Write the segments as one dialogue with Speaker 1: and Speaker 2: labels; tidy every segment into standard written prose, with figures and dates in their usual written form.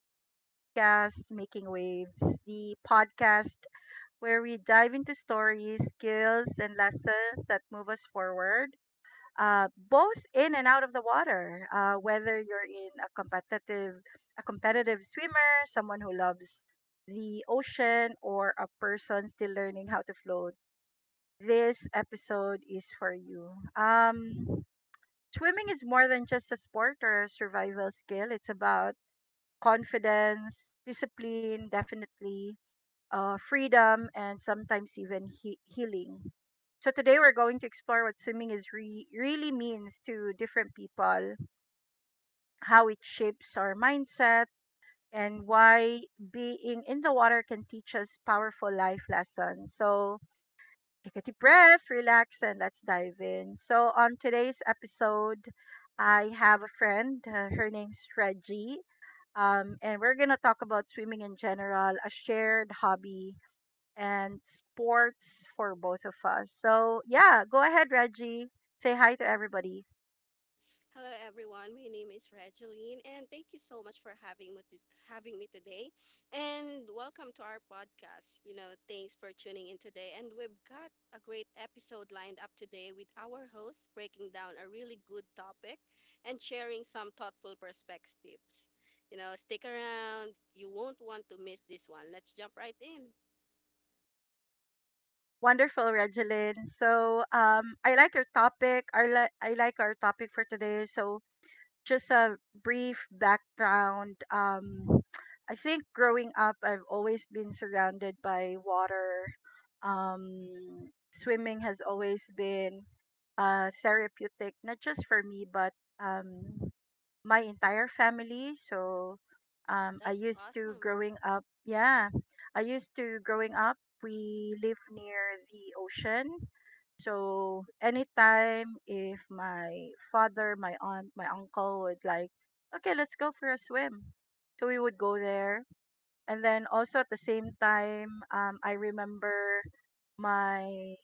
Speaker 1: to our podcast, Making Waves, the podcast where we dive into stories, skills, and lessons that move us forward, both in and out of the water. Whether you're in a competitive swimmer, someone who loves the ocean, or a person still learning how to float, this episode is for you. Um, Swimming is more than just a sport or a survival skill. It's about confidence, discipline, definitely, freedom, and sometimes even healing. So today we're going to explore what swimming really means to different people, how it shapes our mindset, and why being in the water can teach us powerful life lessons. So take a deep breath, relax, and let's dive in. So, on today's episode, I have a friend. Her name's Reggie. And we're going to talk about swimming in general, a shared hobby, and sports for both of us. So, yeah, go ahead, Reggie. Say hi to everybody.
Speaker 2: Hello, everyone. My name is Regeline, and thank you so much for having me today. And welcome to our podcast. You know, thanks for tuning in today. And we've got a great episode lined up today with our host breaking down a really good topic and sharing some thoughtful perspectives. You know, stick around. You won't want to miss this one. Let's jump right in.
Speaker 1: Wonderful, Regeline. So, I like your topic. I like our topic for today. So, just a brief background. I think growing up, I've always been surrounded by water. Um, Swimming has always been therapeutic, not just for me, but um, my entire family. So I
Speaker 2: That's
Speaker 1: used to
Speaker 2: awesome.
Speaker 1: growing up, yeah, I used to growing up, we live near the ocean. So anytime if my father, my aunt, my uncle would like, okay, let's go for a swim. So we would go there. And then also at the same time, I remember my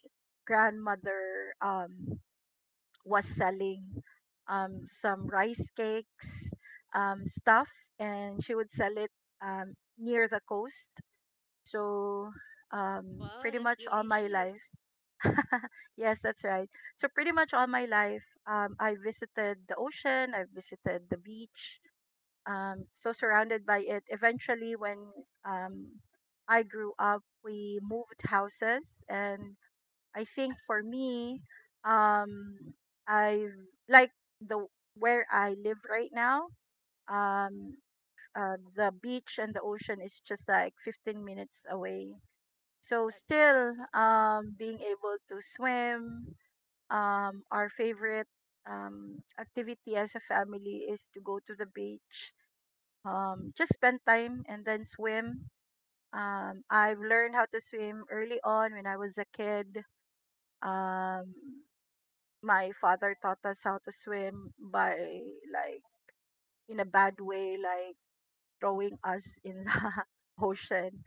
Speaker 1: grandmother was selling some rice cakes stuff, and she would sell it near the coast. So
Speaker 2: Wow,
Speaker 1: pretty
Speaker 2: that's
Speaker 1: much all my life
Speaker 2: delicious.
Speaker 1: yes, that's right. So pretty much all my life, I visited the ocean, I visited the beach, so surrounded by it. Eventually, when um, I grew up, we moved houses, and I think for me, um, I like the where I live right now. Um, the beach and the ocean is just like 15 minutes away. So
Speaker 2: That's
Speaker 1: still,
Speaker 2: awesome.
Speaker 1: being able to swim, our favorite activity as a family is to go to the beach, just spend time and then swim. I've learned how to swim early on when I was a kid. Um, my father taught us how to swim by like in a bad way, like throwing us in the ocean.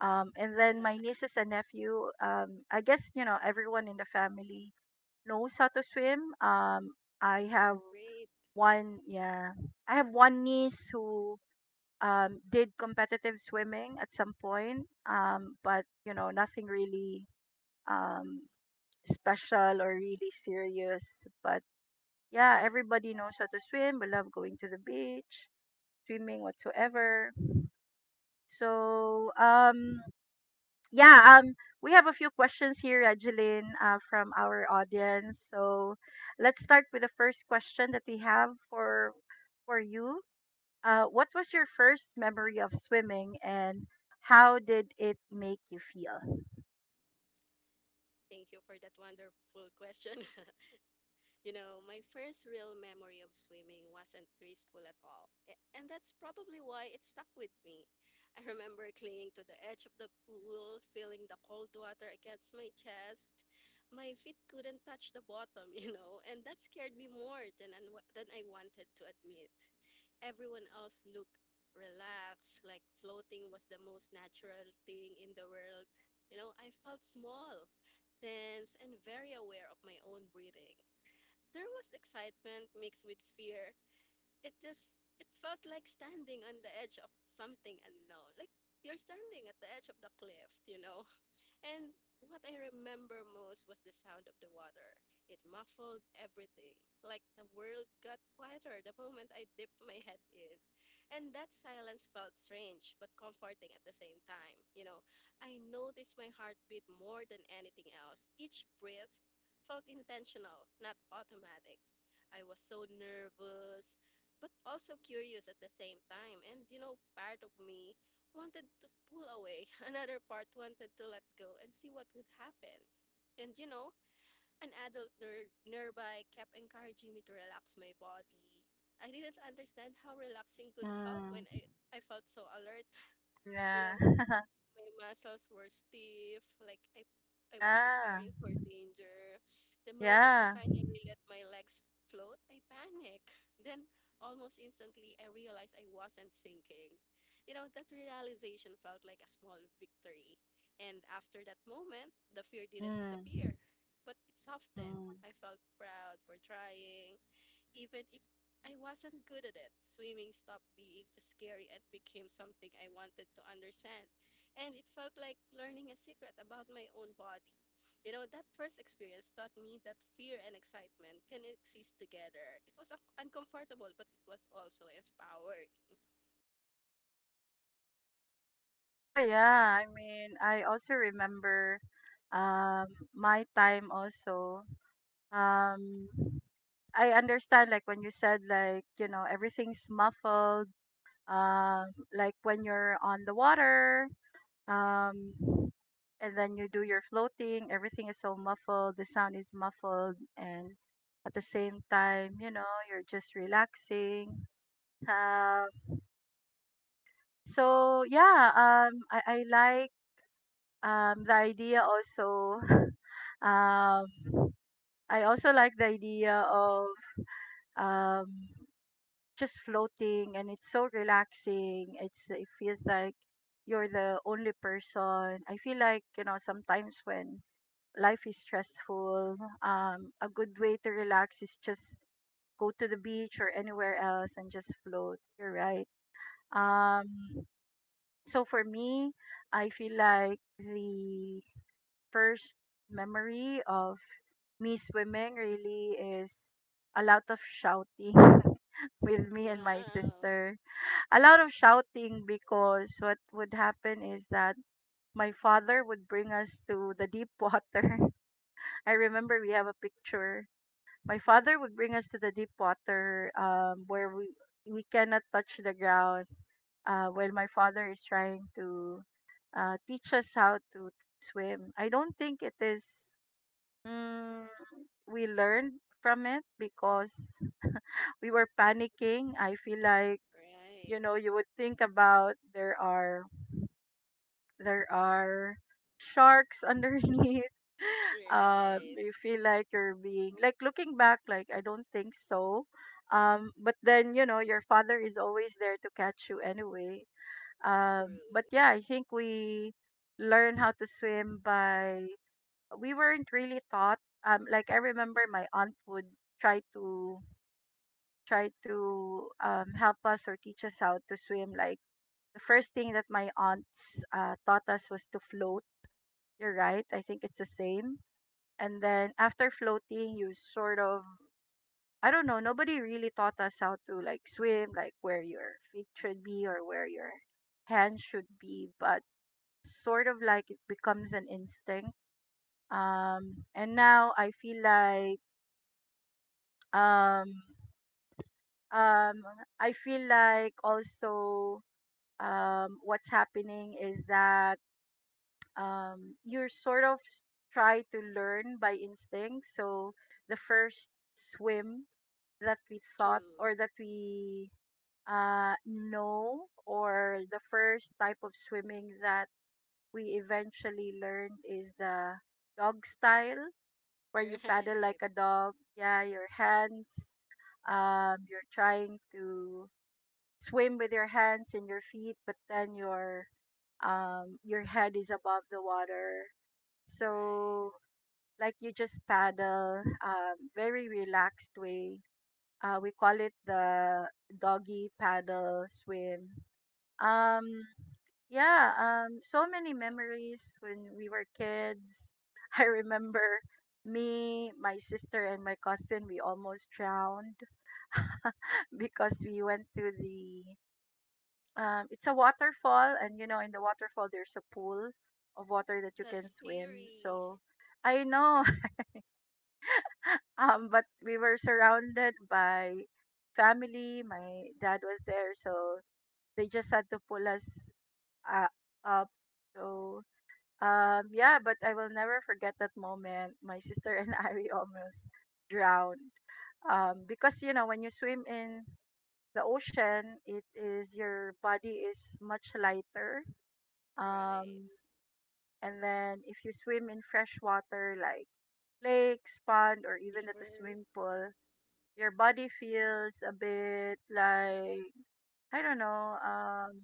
Speaker 1: And then my nieces and nephew, I guess you know everyone in the family knows how to swim. I have
Speaker 2: That's great.
Speaker 1: one, yeah. I have one niece who did competitive swimming at some point, but you know, nothing really um, special or really serious. But yeah, everybody knows how to swim. We love going to the beach, swimming whatsoever. So, yeah, we have a few questions here, Angeline, from our audience. So let's start with the first question that we have for you. What was your first memory of swimming and how did it make you feel?
Speaker 2: Thank you for that wonderful question. You know, my first real memory of swimming wasn't graceful at all. And that's probably why it stuck with me. I remember clinging to the edge of the pool, feeling the cold water against my chest. My feet couldn't touch the bottom, you know, and that scared me more than than I wanted to admit. Everyone else looked relaxed, like floating was the most natural thing in the world. You know, I felt small, tense, and very aware of my own breathing. There was excitement mixed with fear. It just it felt like standing on the edge of something unknown. Like you're standing at the edge of the cliff, you know? And what I remember most was the sound of the water. It muffled everything. Like the world got quieter the moment I dipped my head in. And that silence felt strange but comforting at the same time. You know, I noticed my heartbeat more than anything else. Each breath felt intentional, not automatic. I was so nervous, but also curious at the same time. And you know, part of me wanted to pull away, another part wanted to let go and see what would happen. And you know, an adult nearby kept encouraging me to relax my body. I didn't understand how relaxing could help
Speaker 1: Mm,
Speaker 2: when I felt so alert, you
Speaker 1: yeah.
Speaker 2: know, my muscles were stiff, like I was
Speaker 1: yeah.
Speaker 2: preparing for danger. The moment I
Speaker 1: Yeah.
Speaker 2: finally let my legs float, I panicked. Then almost instantly I realized I wasn't sinking. You know, that realization felt like a small victory. And after that moment, the fear didn't
Speaker 1: Mm,
Speaker 2: disappear, but it softened.
Speaker 1: mm.
Speaker 2: I felt proud for trying, even if I wasn't good at it, swimming stopped being just scary and became something I wanted to understand. And it felt like learning a secret about my own body. You know, that first experience taught me that fear and excitement can exist together. It was uncomfortable, but it was also empowering.
Speaker 1: Oh, yeah. I mean, I also remember um, my time also. Um, I understand, like, when you said, like, you know, everything's muffled, um, like when you're on the water. Um, and then you do your floating. Everything is so muffled. The sound is muffled, and at the same time, you know, you're just relaxing. Um, so yeah, I like the idea also. Um, I also like the idea of um just floating, and it's so relaxing. It feels like you're the only person. I feel like you know sometimes when life is stressful, a good way to relax is just go to the beach or anywhere else and just float. You're right. Um, so for me, I feel like the first memory of me swimming really is a lot of shouting with me and my
Speaker 2: Wow.
Speaker 1: sister. A lot of shouting because what would happen is that my father would bring us to the deep water. I remember we have a picture, my father would bring us to the deep water where we cannot touch the ground when my father is trying to teach us how to swim. I don't think it is, mm, we learned from it because we were panicking. I feel like you
Speaker 2: Right.
Speaker 1: know you would think about there are sharks underneath. You
Speaker 2: Right.
Speaker 1: feel like you're being like looking back, like I don't think so. But then you know your father is always there to catch you anyway. But
Speaker 2: True.
Speaker 1: yeah, I think we learn how to swim by we weren't really taught. Like I remember my aunt would try to try to help us or teach us how to swim. Like the first thing that my aunts taught us was to float, you're right. I think it's the same. And then after floating, you sort of, I don't know, nobody really taught us how to like swim, like where your feet should be or where your hands should be, but sort of like it becomes an instinct. And now um um I feel like also what's happening is that you're sort of try to learn by instinct. So the first swim that we thought
Speaker 2: True.
Speaker 1: or that we know, or the first type of swimming that we eventually learned is the dog style, where you paddle like
Speaker 2: Right.
Speaker 1: a dog. Yeah, your hands. You're trying to swim with your hands and your feet, but then your head is above the water,
Speaker 2: Right.
Speaker 1: so like you just paddle, very relaxed way. We call it the doggy paddle swim. Um, yeah, so many memories when we were kids. I remember me, my sister, and my cousin. We almost drowned because we went to the it's a waterfall, and you know in the waterfall there's a pool of water that you
Speaker 2: That's
Speaker 1: can swim,
Speaker 2: scary.
Speaker 1: so I know. But we were surrounded by family. My dad was there, so they just had to pull us uh, up. So yeah, but I will never forget that moment. My sister and I we almost drowned because you know when you swim in the ocean, it is your body is much lighter.
Speaker 2: Right.
Speaker 1: Um, and then if you swim in fresh water like lakes, pond, or even at the
Speaker 2: River.
Speaker 1: swimming pool, your body feels a bit like I don't know, um,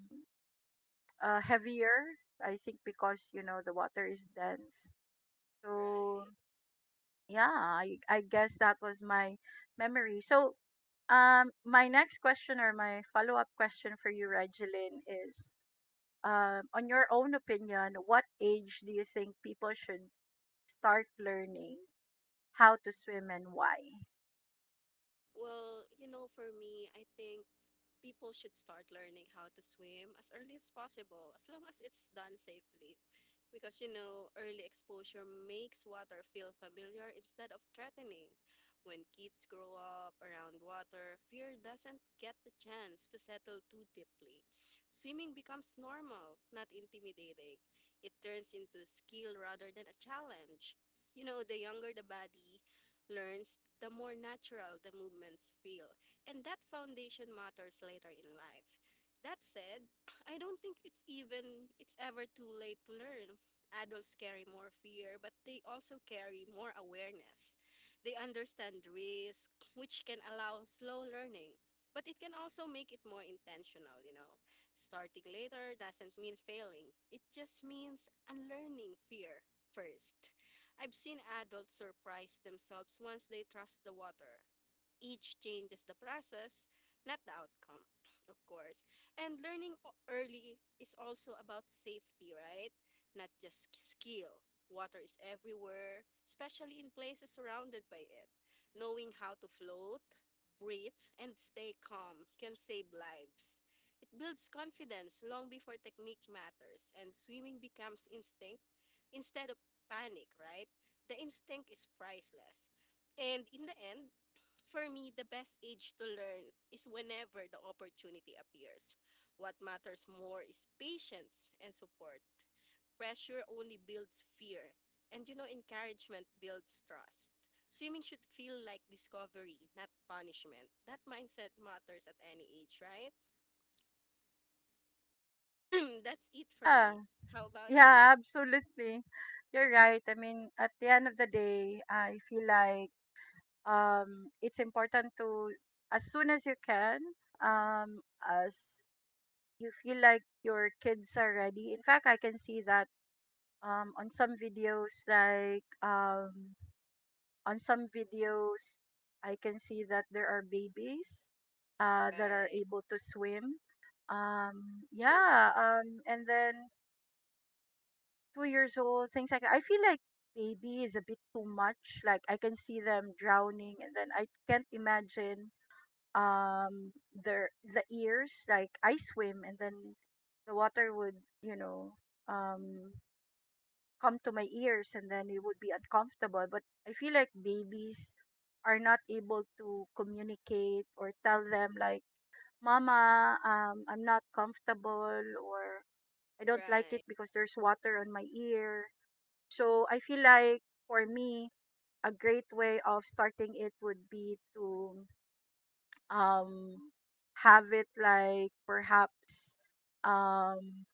Speaker 1: uh, heavier. I think because you know the water is dense. So
Speaker 2: Right.
Speaker 1: yeah, I guess that was my memory. So my next question or my follow up question for you, Regeline, is on your own opinion, what age do you think people should start learning how to swim and why?
Speaker 2: Well, you know, for me, I think people should start learning how to swim as early as possible, as long as it's done safely. Because you know, early exposure makes water feel familiar instead of threatening. When kids grow up around water, fear doesn't get the chance to settle too deeply. Swimming becomes normal, not intimidating. It turns into skill rather than a challenge. You know, the younger the body learns, the more natural the movements feel and that foundation matters later in life. That said, I don't think it's ever too late to learn. Adults carry more fear, but they also carry more awareness. They understand risk, which can allow slow learning, but it can also make it more intentional, you know. Starting later doesn't mean failing. It just means unlearning fear first. I've seen adults surprise themselves once they trust the water age changes the process, not the outcome, of course. And learning early is also about safety, right? Not just skill. Water is everywhere, especially in places surrounded by it. Knowing how to float, breathe, and stay calm can save lives. It builds confidence long before technique matters, and swimming becomes instinct instead of panic, right? The instinct is priceless. And in the end, for me, the best age to learn is whenever the opportunity appears. What matters more is patience and support. Pressure only builds fear, and you know, encouragement builds trust. Swimming should feel like discovery, not punishment. That mindset matters at any age, right? That's it for
Speaker 1: Yeah,
Speaker 2: me. How about you?
Speaker 1: yeah, absolutely. You're right. I mean, at the end of the day, I feel like it's important to, as soon as you can, um, as you feel like your kids are ready. In fact, I can see that on some videos, on some videos, I can see that there are babies that are
Speaker 2: Right.
Speaker 1: able to swim.
Speaker 2: True.
Speaker 1: Yeah, and then 2 years old, things like that. I feel like baby is a bit too much. Like I can see them drowning, and then I can't imagine their the ears. Like I swim, and then the water would you know um come to my ears, and then it would be uncomfortable. But I feel like babies are not able to communicate or tell them like mama, I'm not comfortable or I don't like it
Speaker 2: Right.
Speaker 1: because there's water on my ear, so I feel like for me, a great way of starting it would be to um have it like perhaps um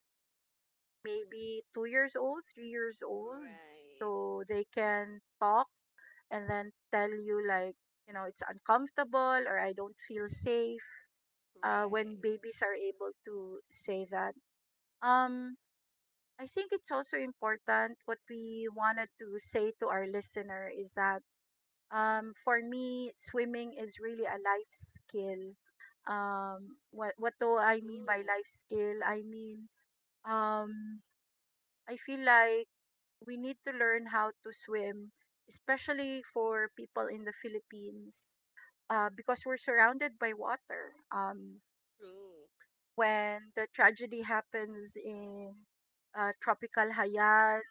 Speaker 1: maybe 2 years old, 3 years old.
Speaker 2: Right.
Speaker 1: So they can talk and then tell you like, you know, it's uncomfortable or I don't feel safe. When
Speaker 2: Right.
Speaker 1: babies are able to say that. Um I think it's also important what we wanted to say to our listener is that, for me, swimming is really a life skill. What do I mean
Speaker 2: True.
Speaker 1: by life skill? I mean, um, I feel like we need to learn how to swim, especially for people in the Philippines, because we're surrounded by water.
Speaker 2: True.
Speaker 1: When the tragedy happens in Tropical Hayan,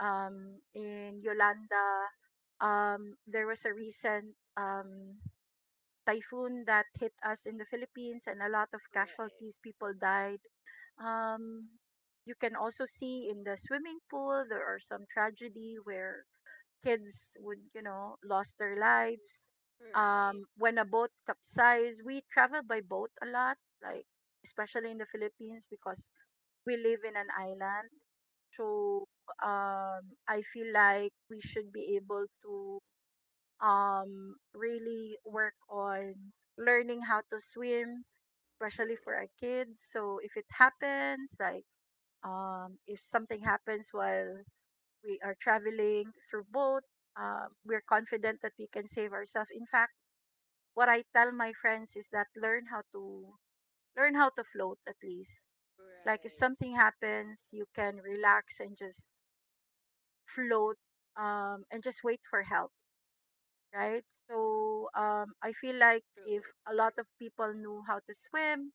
Speaker 1: in Yolanda, there was a recent typhoon that hit us in the Philippines and a lot of
Speaker 2: Right.
Speaker 1: casualties. People died. Um, you can also see in the swimming pool there are some tragedy where kids would you know lost their lives.
Speaker 2: Right.
Speaker 1: When a boat capsized, we travel by boat a lot, like especially in the Philippines because we live in an island. So I feel like we should be able to really work on learning how to swim, especially
Speaker 2: True.
Speaker 1: for our kids. So if it happens, like if something happens while we are traveling through boat, we're confident that we can save ourselves. In fact, what I tell my friends is that learn how to float at least. Like if
Speaker 2: Right.
Speaker 1: something happens, you can relax and just float and just wait for help, right? So I feel like if
Speaker 2: True.
Speaker 1: a lot of people knew how to swim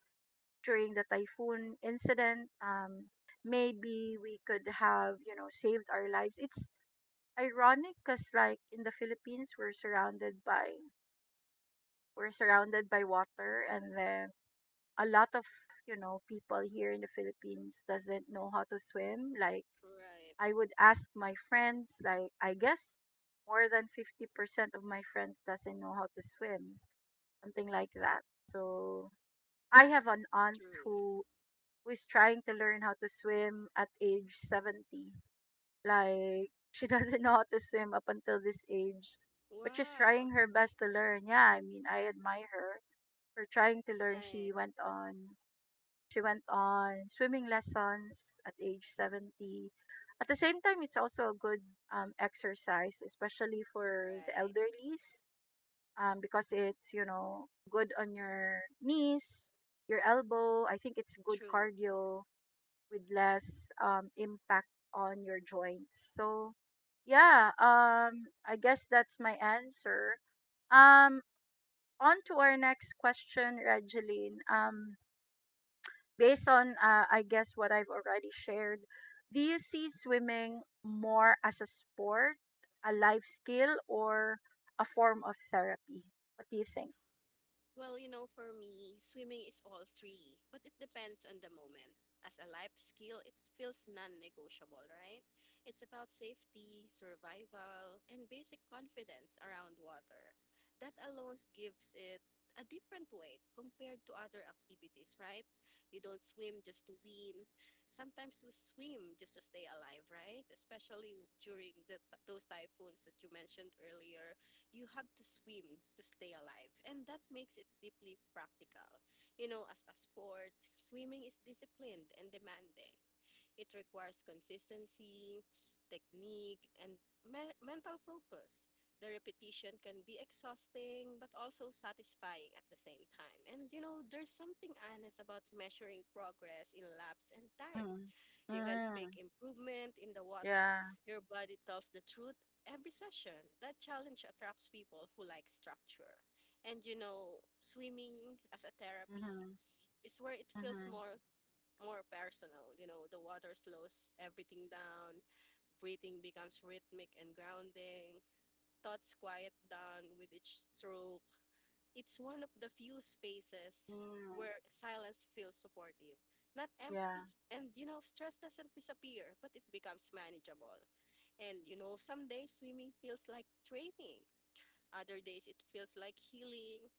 Speaker 1: during the typhoon incident, maybe we could have saved our lives. It's ironic because, like, in the Philippines, we're surrounded by water, and then a lot of people here in the Philippines doesn't know how to swim. Like
Speaker 2: Right.
Speaker 1: I would ask my friends, like I guess more than 50% of my friends doesn't know how to swim, something like that. So I have an aunt
Speaker 2: True.
Speaker 1: who is trying to learn how to swim at age 70. Like she doesn't know how to swim up until this age, but she's
Speaker 2: Wow.
Speaker 1: trying her
Speaker 2: So-
Speaker 1: best to learn. Yeah, I mean, I admire her for trying to learn.
Speaker 2: right.
Speaker 1: She went on swimming lessons at age 70. At the same time, it's also a good exercise, especially for the
Speaker 2: Right.
Speaker 1: elderlies, because it's good on your knees, your elbow. I think it's good
Speaker 2: True.
Speaker 1: cardio with less impact on your joints. So yeah, I guess that's my answer. Um, on to our next question, Regeline. Based on I guess what I've already shared, do you see swimming more as a sport, a life skill, or a form of therapy? What do you think?
Speaker 2: Well, you know, for me, swimming is all three, but it depends on the moment. As a life skill, it feels non negotiable, right? It's about safety, survival, and basic confidence around water. That alone gives it a different weight compared to other activities, right? You don't swim just to win. Sometimes you swim just to stay alive, right? Especially during the, those typhoons that you mentioned earlier you have to swim to stay alive and that makes it deeply practical, you know. As a sport, swimming is disciplined and demanding. It requires consistency, technique, and mental focus. The repetition can be exhausting but also satisfying at the same time, and you know, there's something honest about measuring progress in laps and time.
Speaker 1: Mhm.
Speaker 2: You can fake
Speaker 1: Mm.
Speaker 2: improvement in the water.
Speaker 1: Yeah.
Speaker 2: Your body tells the truth every session. That challenge attracts people who like structure. And you know, swimming as a therapy
Speaker 1: Mhm.
Speaker 2: is where it feels
Speaker 1: Mhm.
Speaker 2: more personal. You know, the water slows everything down, breathing becomes rhythmic and grounding, thoughts quiet down with each stroke. It's one of the few spaces
Speaker 1: Mm.
Speaker 2: where silence feels supportive, not
Speaker 1: Yeah.
Speaker 2: empty. And you know, stress doesn't disappear, but it becomes manageable. And you know, some days swimming feels like training, other days it feels like healing.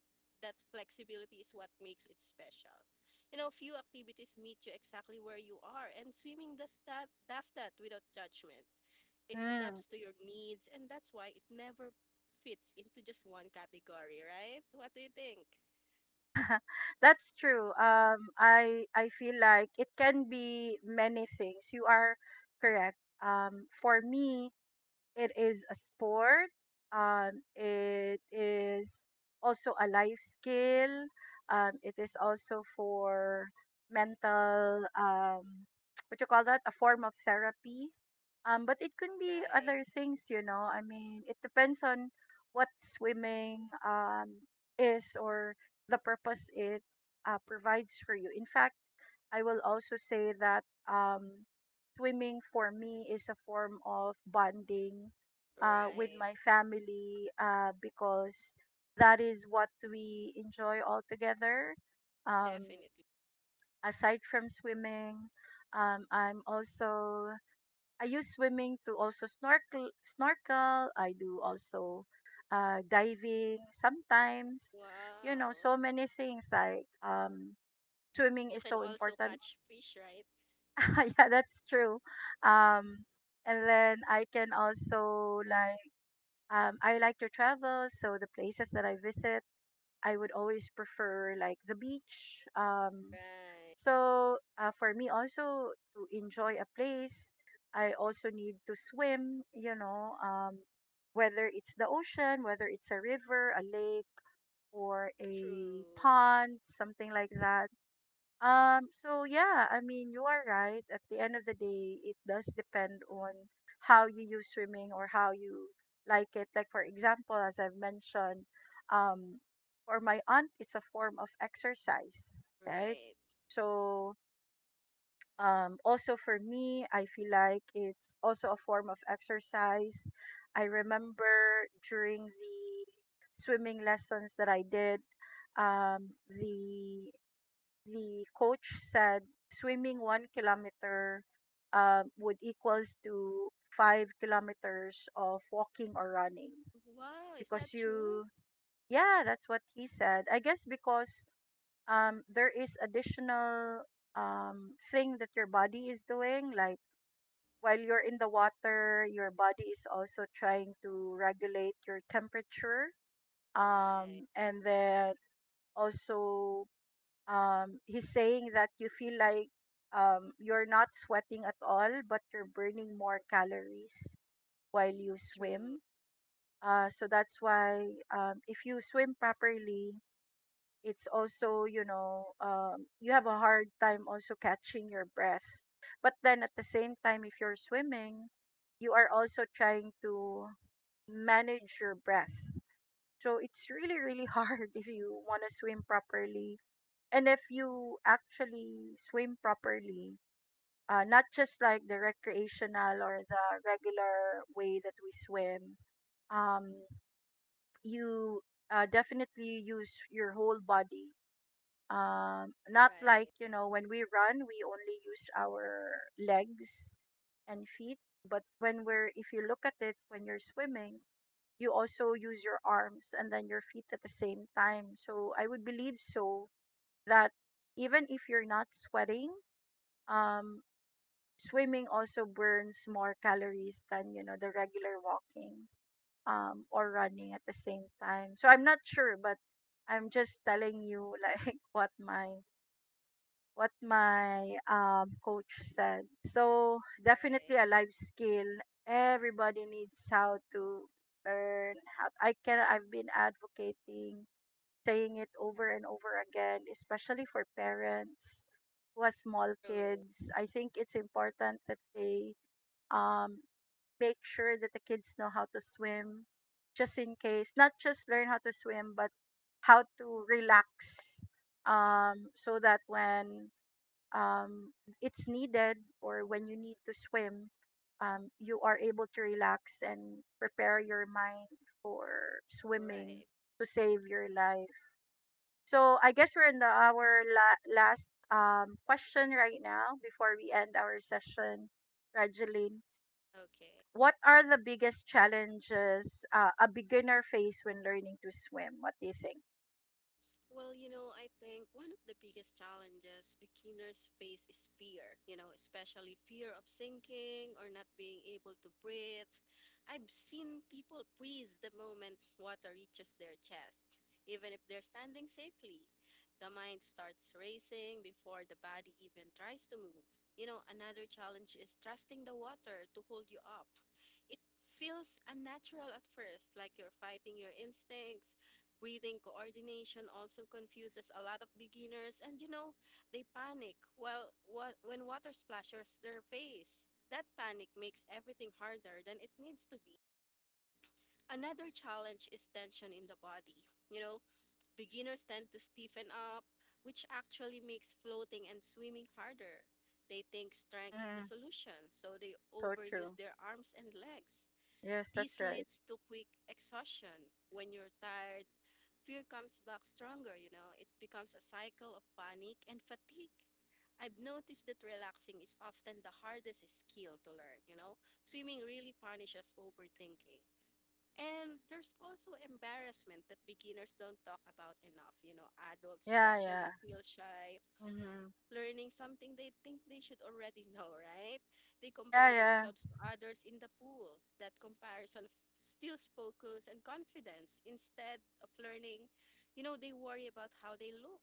Speaker 2: That flexibility is what makes it special. You know, few activities meet you exactly where you are, and swimming does that without judgment. It
Speaker 1: Mm.
Speaker 2: adapts to your needs, and that's why it never fits into just one category, right? What do you think?
Speaker 1: That's true. I feel like it can be many things. You are correct. For me, it is a sport. It is also a life skill. It is also for mental, what you call that? A form of therapy. But it can be
Speaker 2: Right,
Speaker 1: other things, you know. I mean, it depends on what swimming is, or the purpose it provides for you. In fact, I will also say that um, swimming for me is a form of bonding with
Speaker 2: right.
Speaker 1: my family because that is what we enjoy all together. Um,
Speaker 2: Definitely.
Speaker 1: Aside from swimming, um, I'm also I use swimming to also snorkel. Snorkel. I do also diving sometimes. You know,
Speaker 2: Wow.
Speaker 1: so many things like, swimming
Speaker 2: You
Speaker 1: is
Speaker 2: can
Speaker 1: so
Speaker 2: also
Speaker 1: important.
Speaker 2: catch fish, right?
Speaker 1: Yeah, that's true. Um, and then I can also, like, I like to travel, so the places that I visit, I would always prefer like the beach. Um,
Speaker 2: Right.
Speaker 1: so uh, for me also to enjoy a place, I also need to swim, you know, whether it's the ocean, whether it's a river, a lake, or a
Speaker 2: True.
Speaker 1: pond, something like that. So yeah, I mean, you are right. At the end of the day, it does depend on how you use swimming or how you like it. Like for example, as I've mentioned, um, for my aunt, it's a form of exercise, right?
Speaker 2: Right.
Speaker 1: So also for me, I feel like it's also a form of exercise. I remember during the swimming lessons that I did, um, the the coach said swimming 1 kilometer would equals to 5 kilometers of walking or running,
Speaker 2: Wow, is
Speaker 1: because
Speaker 2: that true?
Speaker 1: you— yeah, that's what he said. I guess because, there is additional thing that your body is doing. Like while you're in the water, your body is also trying to regulate your temperature.
Speaker 2: Right.
Speaker 1: And then also, he's saying that you feel like you're not sweating at all, but you're burning more calories while you
Speaker 2: True.
Speaker 1: swim. So that's why, if you swim properly, it's also, you have a hard time also catching your breath. But then at the same time, if you're swimming, you are also trying to manage your breath. So it's really, really hard if you want to swim properly. And if you actually swim properly, not just like the recreational or the regular way that we swim, um, you definitely use your whole body. Not like,
Speaker 2: Right.
Speaker 1: you know, when we run, we only use our legs and feet. But when we're if you look at it, when you're swimming, you also use your arms and then your feet at the same time. So I would believe so, that even if you're not sweating, um swimming also burns more calories than, you know, the regular walking or running at the same time. So I'm not sure, but I'm just telling you like what my— what my coach said. So
Speaker 2: Right.
Speaker 1: definitely a life skill. Everybody needs how to learn how. I can. I've been advocating, saying it over and over again, especially for parents who have small
Speaker 2: True.
Speaker 1: kids. I think it's important that they, um, make sure that the kids know how to swim, just in case. Not just learn how to swim, but how to relax, so that when, um, it's needed or when you need to swim, you are able to relax and prepare your mind for swimming
Speaker 2: Right.
Speaker 1: to save your life. So I guess we're in the our la- last question right now before we end our session, Rajeline.
Speaker 2: Okay.
Speaker 1: What are the biggest challenges a beginner face when learning to swim? What do you think?
Speaker 2: Well, you know, I think one of the biggest challenges beginners face is fear, you know, especially fear of sinking or not being able to breathe. I've seen people freeze the moment water reaches their chest, even if they're standing safely. The mind starts racing before the body even tries to move. You know, another challenge is trusting the water to hold you up. It feels unnatural at first, like you're fighting your instincts. Breathing coordination also confuses a lot of beginners, and you know, they panic when water splashes their face. That panic makes everything harder than it needs to be. Another challenge is tension in the body. You know, beginners tend to stiffen up, which actually makes floating and swimming harder. They think strength is the
Speaker 1: Mm,
Speaker 2: solution, so they
Speaker 1: so true.
Speaker 2: overuse their arms and legs.
Speaker 1: Yes, that's
Speaker 2: This
Speaker 1: right.
Speaker 2: leads to quick exhaustion. When you're tired, fear comes back stronger, you know. It becomes a cycle of panic and fatigue. I've noticed that relaxing is often the hardest skill to learn, you know. Swimming really punishes overthinking. And there's also embarrassment that beginners don't talk about enough, you know. Adults
Speaker 1: Yeah,
Speaker 2: especially
Speaker 1: yeah.
Speaker 2: feel shy
Speaker 1: Hmm.
Speaker 2: learning something they think they should already know, right? They
Speaker 1: Yeah,
Speaker 2: compare
Speaker 1: yeah.
Speaker 2: themselves to others in the pool. That steals focus and confidence. Instead of learning, you know, they worry about how they look.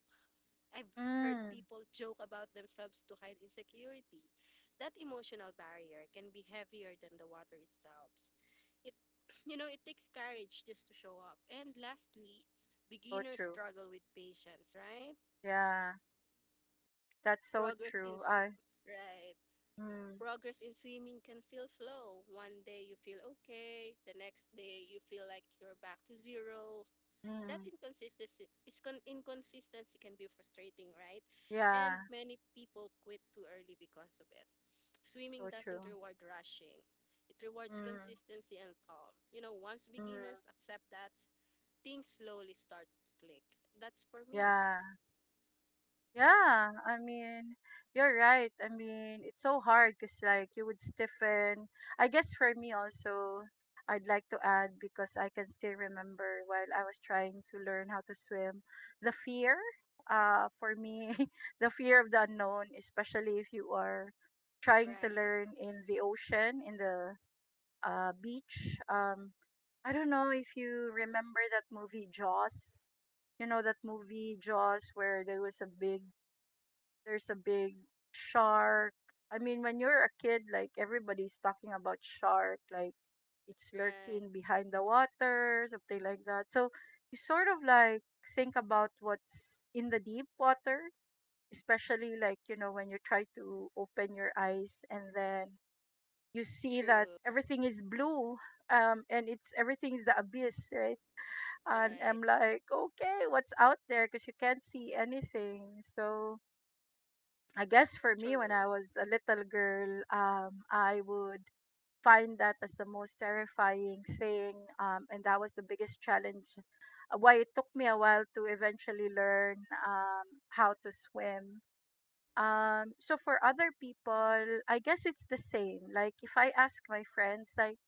Speaker 2: I've heard
Speaker 1: Mm,
Speaker 2: people joke about themselves to hide insecurity. That emotional barrier can be heavier than the water itself. It, you know, it takes courage just to show up. And lastly,
Speaker 1: so
Speaker 2: beginners
Speaker 1: true.
Speaker 2: struggle with patience, right?
Speaker 1: Yeah, that's so
Speaker 2: Progress in
Speaker 1: true.
Speaker 2: swim. Right.
Speaker 1: Mm,
Speaker 2: Progress in swimming can feel slow. One day you feel okay, the next day you feel like you're back to zero. That
Speaker 1: mm,
Speaker 2: inconsistency can be frustrating, right? And
Speaker 1: yeah,
Speaker 2: many people quit too early because of it. Swimming
Speaker 1: so true.
Speaker 2: doesn't reward rushing. It rewards
Speaker 1: Mm,
Speaker 2: consistency and calm. You know, once
Speaker 1: mm,
Speaker 2: beginners accept that, things slowly start to click. That's for me.
Speaker 1: yeah. Yeah, I mean, you're right. I mean, it's so hard because, like, you would stiffen. I guess for me also, I'd like to add, because I can still remember while I was trying to learn how to swim, the fear— for me, the fear of the unknown, especially if you are trying to
Speaker 2: Right.
Speaker 1: learn in the ocean, in the beach. I don't know if you remember that movie Jaws. You know that movie Jaws, where there was a big there's a big shark. I mean, when you're a kid, like, everybody's talking about shark, like it's lurking
Speaker 2: Right.
Speaker 1: behind the water, something like that. So you sort of, like, think about what's in the deep water, especially, like, you know, when you try to open your eyes and then you see that
Speaker 2: True.
Speaker 1: everything is blue and it's— everything is the abyss, right? And
Speaker 2: Right.
Speaker 1: I'm like, okay, what's out there? Because you can't see anything. So I guess for me, when I
Speaker 2: True.
Speaker 1: was a little girl, I would find that as the most terrifying thing, and that was the biggest challenge. Why it took me a while to eventually learn how to swim. So for other people, I guess it's the same. Like if I ask my friends, like,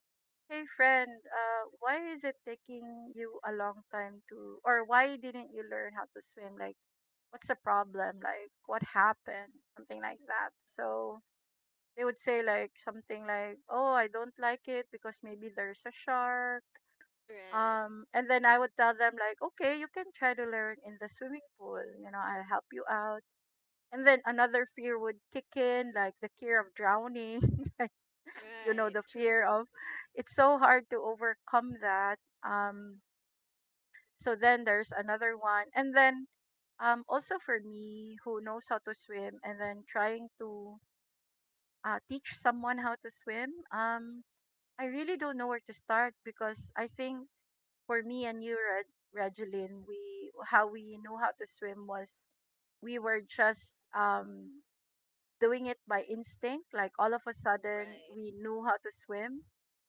Speaker 1: "Hey friend, why is it taking you a long time to— or why didn't you learn how to swim?" Like, what's the problem? Like, what happened? Something like that. So they would say like something like, "Oh, I don't like it because maybe there's a shark."
Speaker 2: Right.
Speaker 1: And then I would tell them like, "Okay, you can try to learn in the swimming pool. You know, I'll help you out." And then another fear would kick in, like the fear of drowning. You know,
Speaker 2: Right.
Speaker 1: the fear
Speaker 2: True.
Speaker 1: of— it's so hard to overcome that. Um, So then there's another one. And then also for me who knows how to swim and then trying to teach someone how to swim, I really don't know where to start, because I think for me and you, Reg- Regeline, we how we knew how to swim was we were just doing it by instinct. Like all of a sudden
Speaker 2: Right,
Speaker 1: we knew how to swim,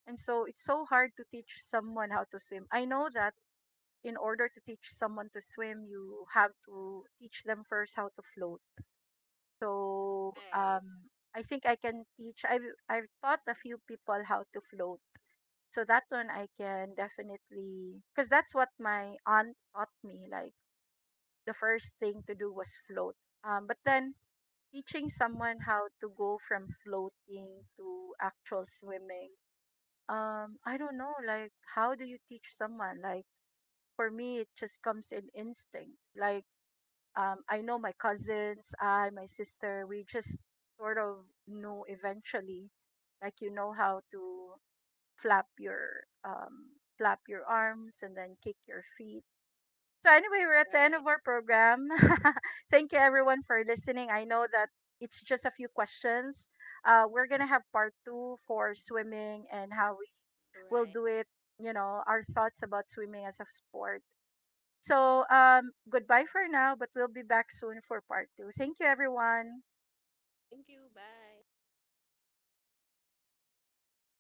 Speaker 1: and so it's so hard to teach someone how to swim. I know that in order to teach someone to swim, you have to teach them first how to float. So
Speaker 2: right,
Speaker 1: um, I think I can teach. I've taught a few people how to float. So that one I can definitely, because that's what my aunt taught me. Like the first thing to do was float. But then teaching someone how to go from floating to actual swimming, I don't know. Like how do you teach someone? Like for me, it just comes in instinct. Like, I know my cousins, I, my sister, we just sort of knew eventually, like, you know, how to flap your arms and then kick your feet. So anyway, we're at the end
Speaker 2: right,
Speaker 1: of our program. Thank you everyone for listening. I know that it's just a few questions. We're gonna have part two for swimming and how we will
Speaker 2: right.
Speaker 1: do it. You know, our thoughts about swimming as a sport. So, goodbye for now, but we'll be back soon for part two. Thank you, everyone.
Speaker 2: Thank you. Bye.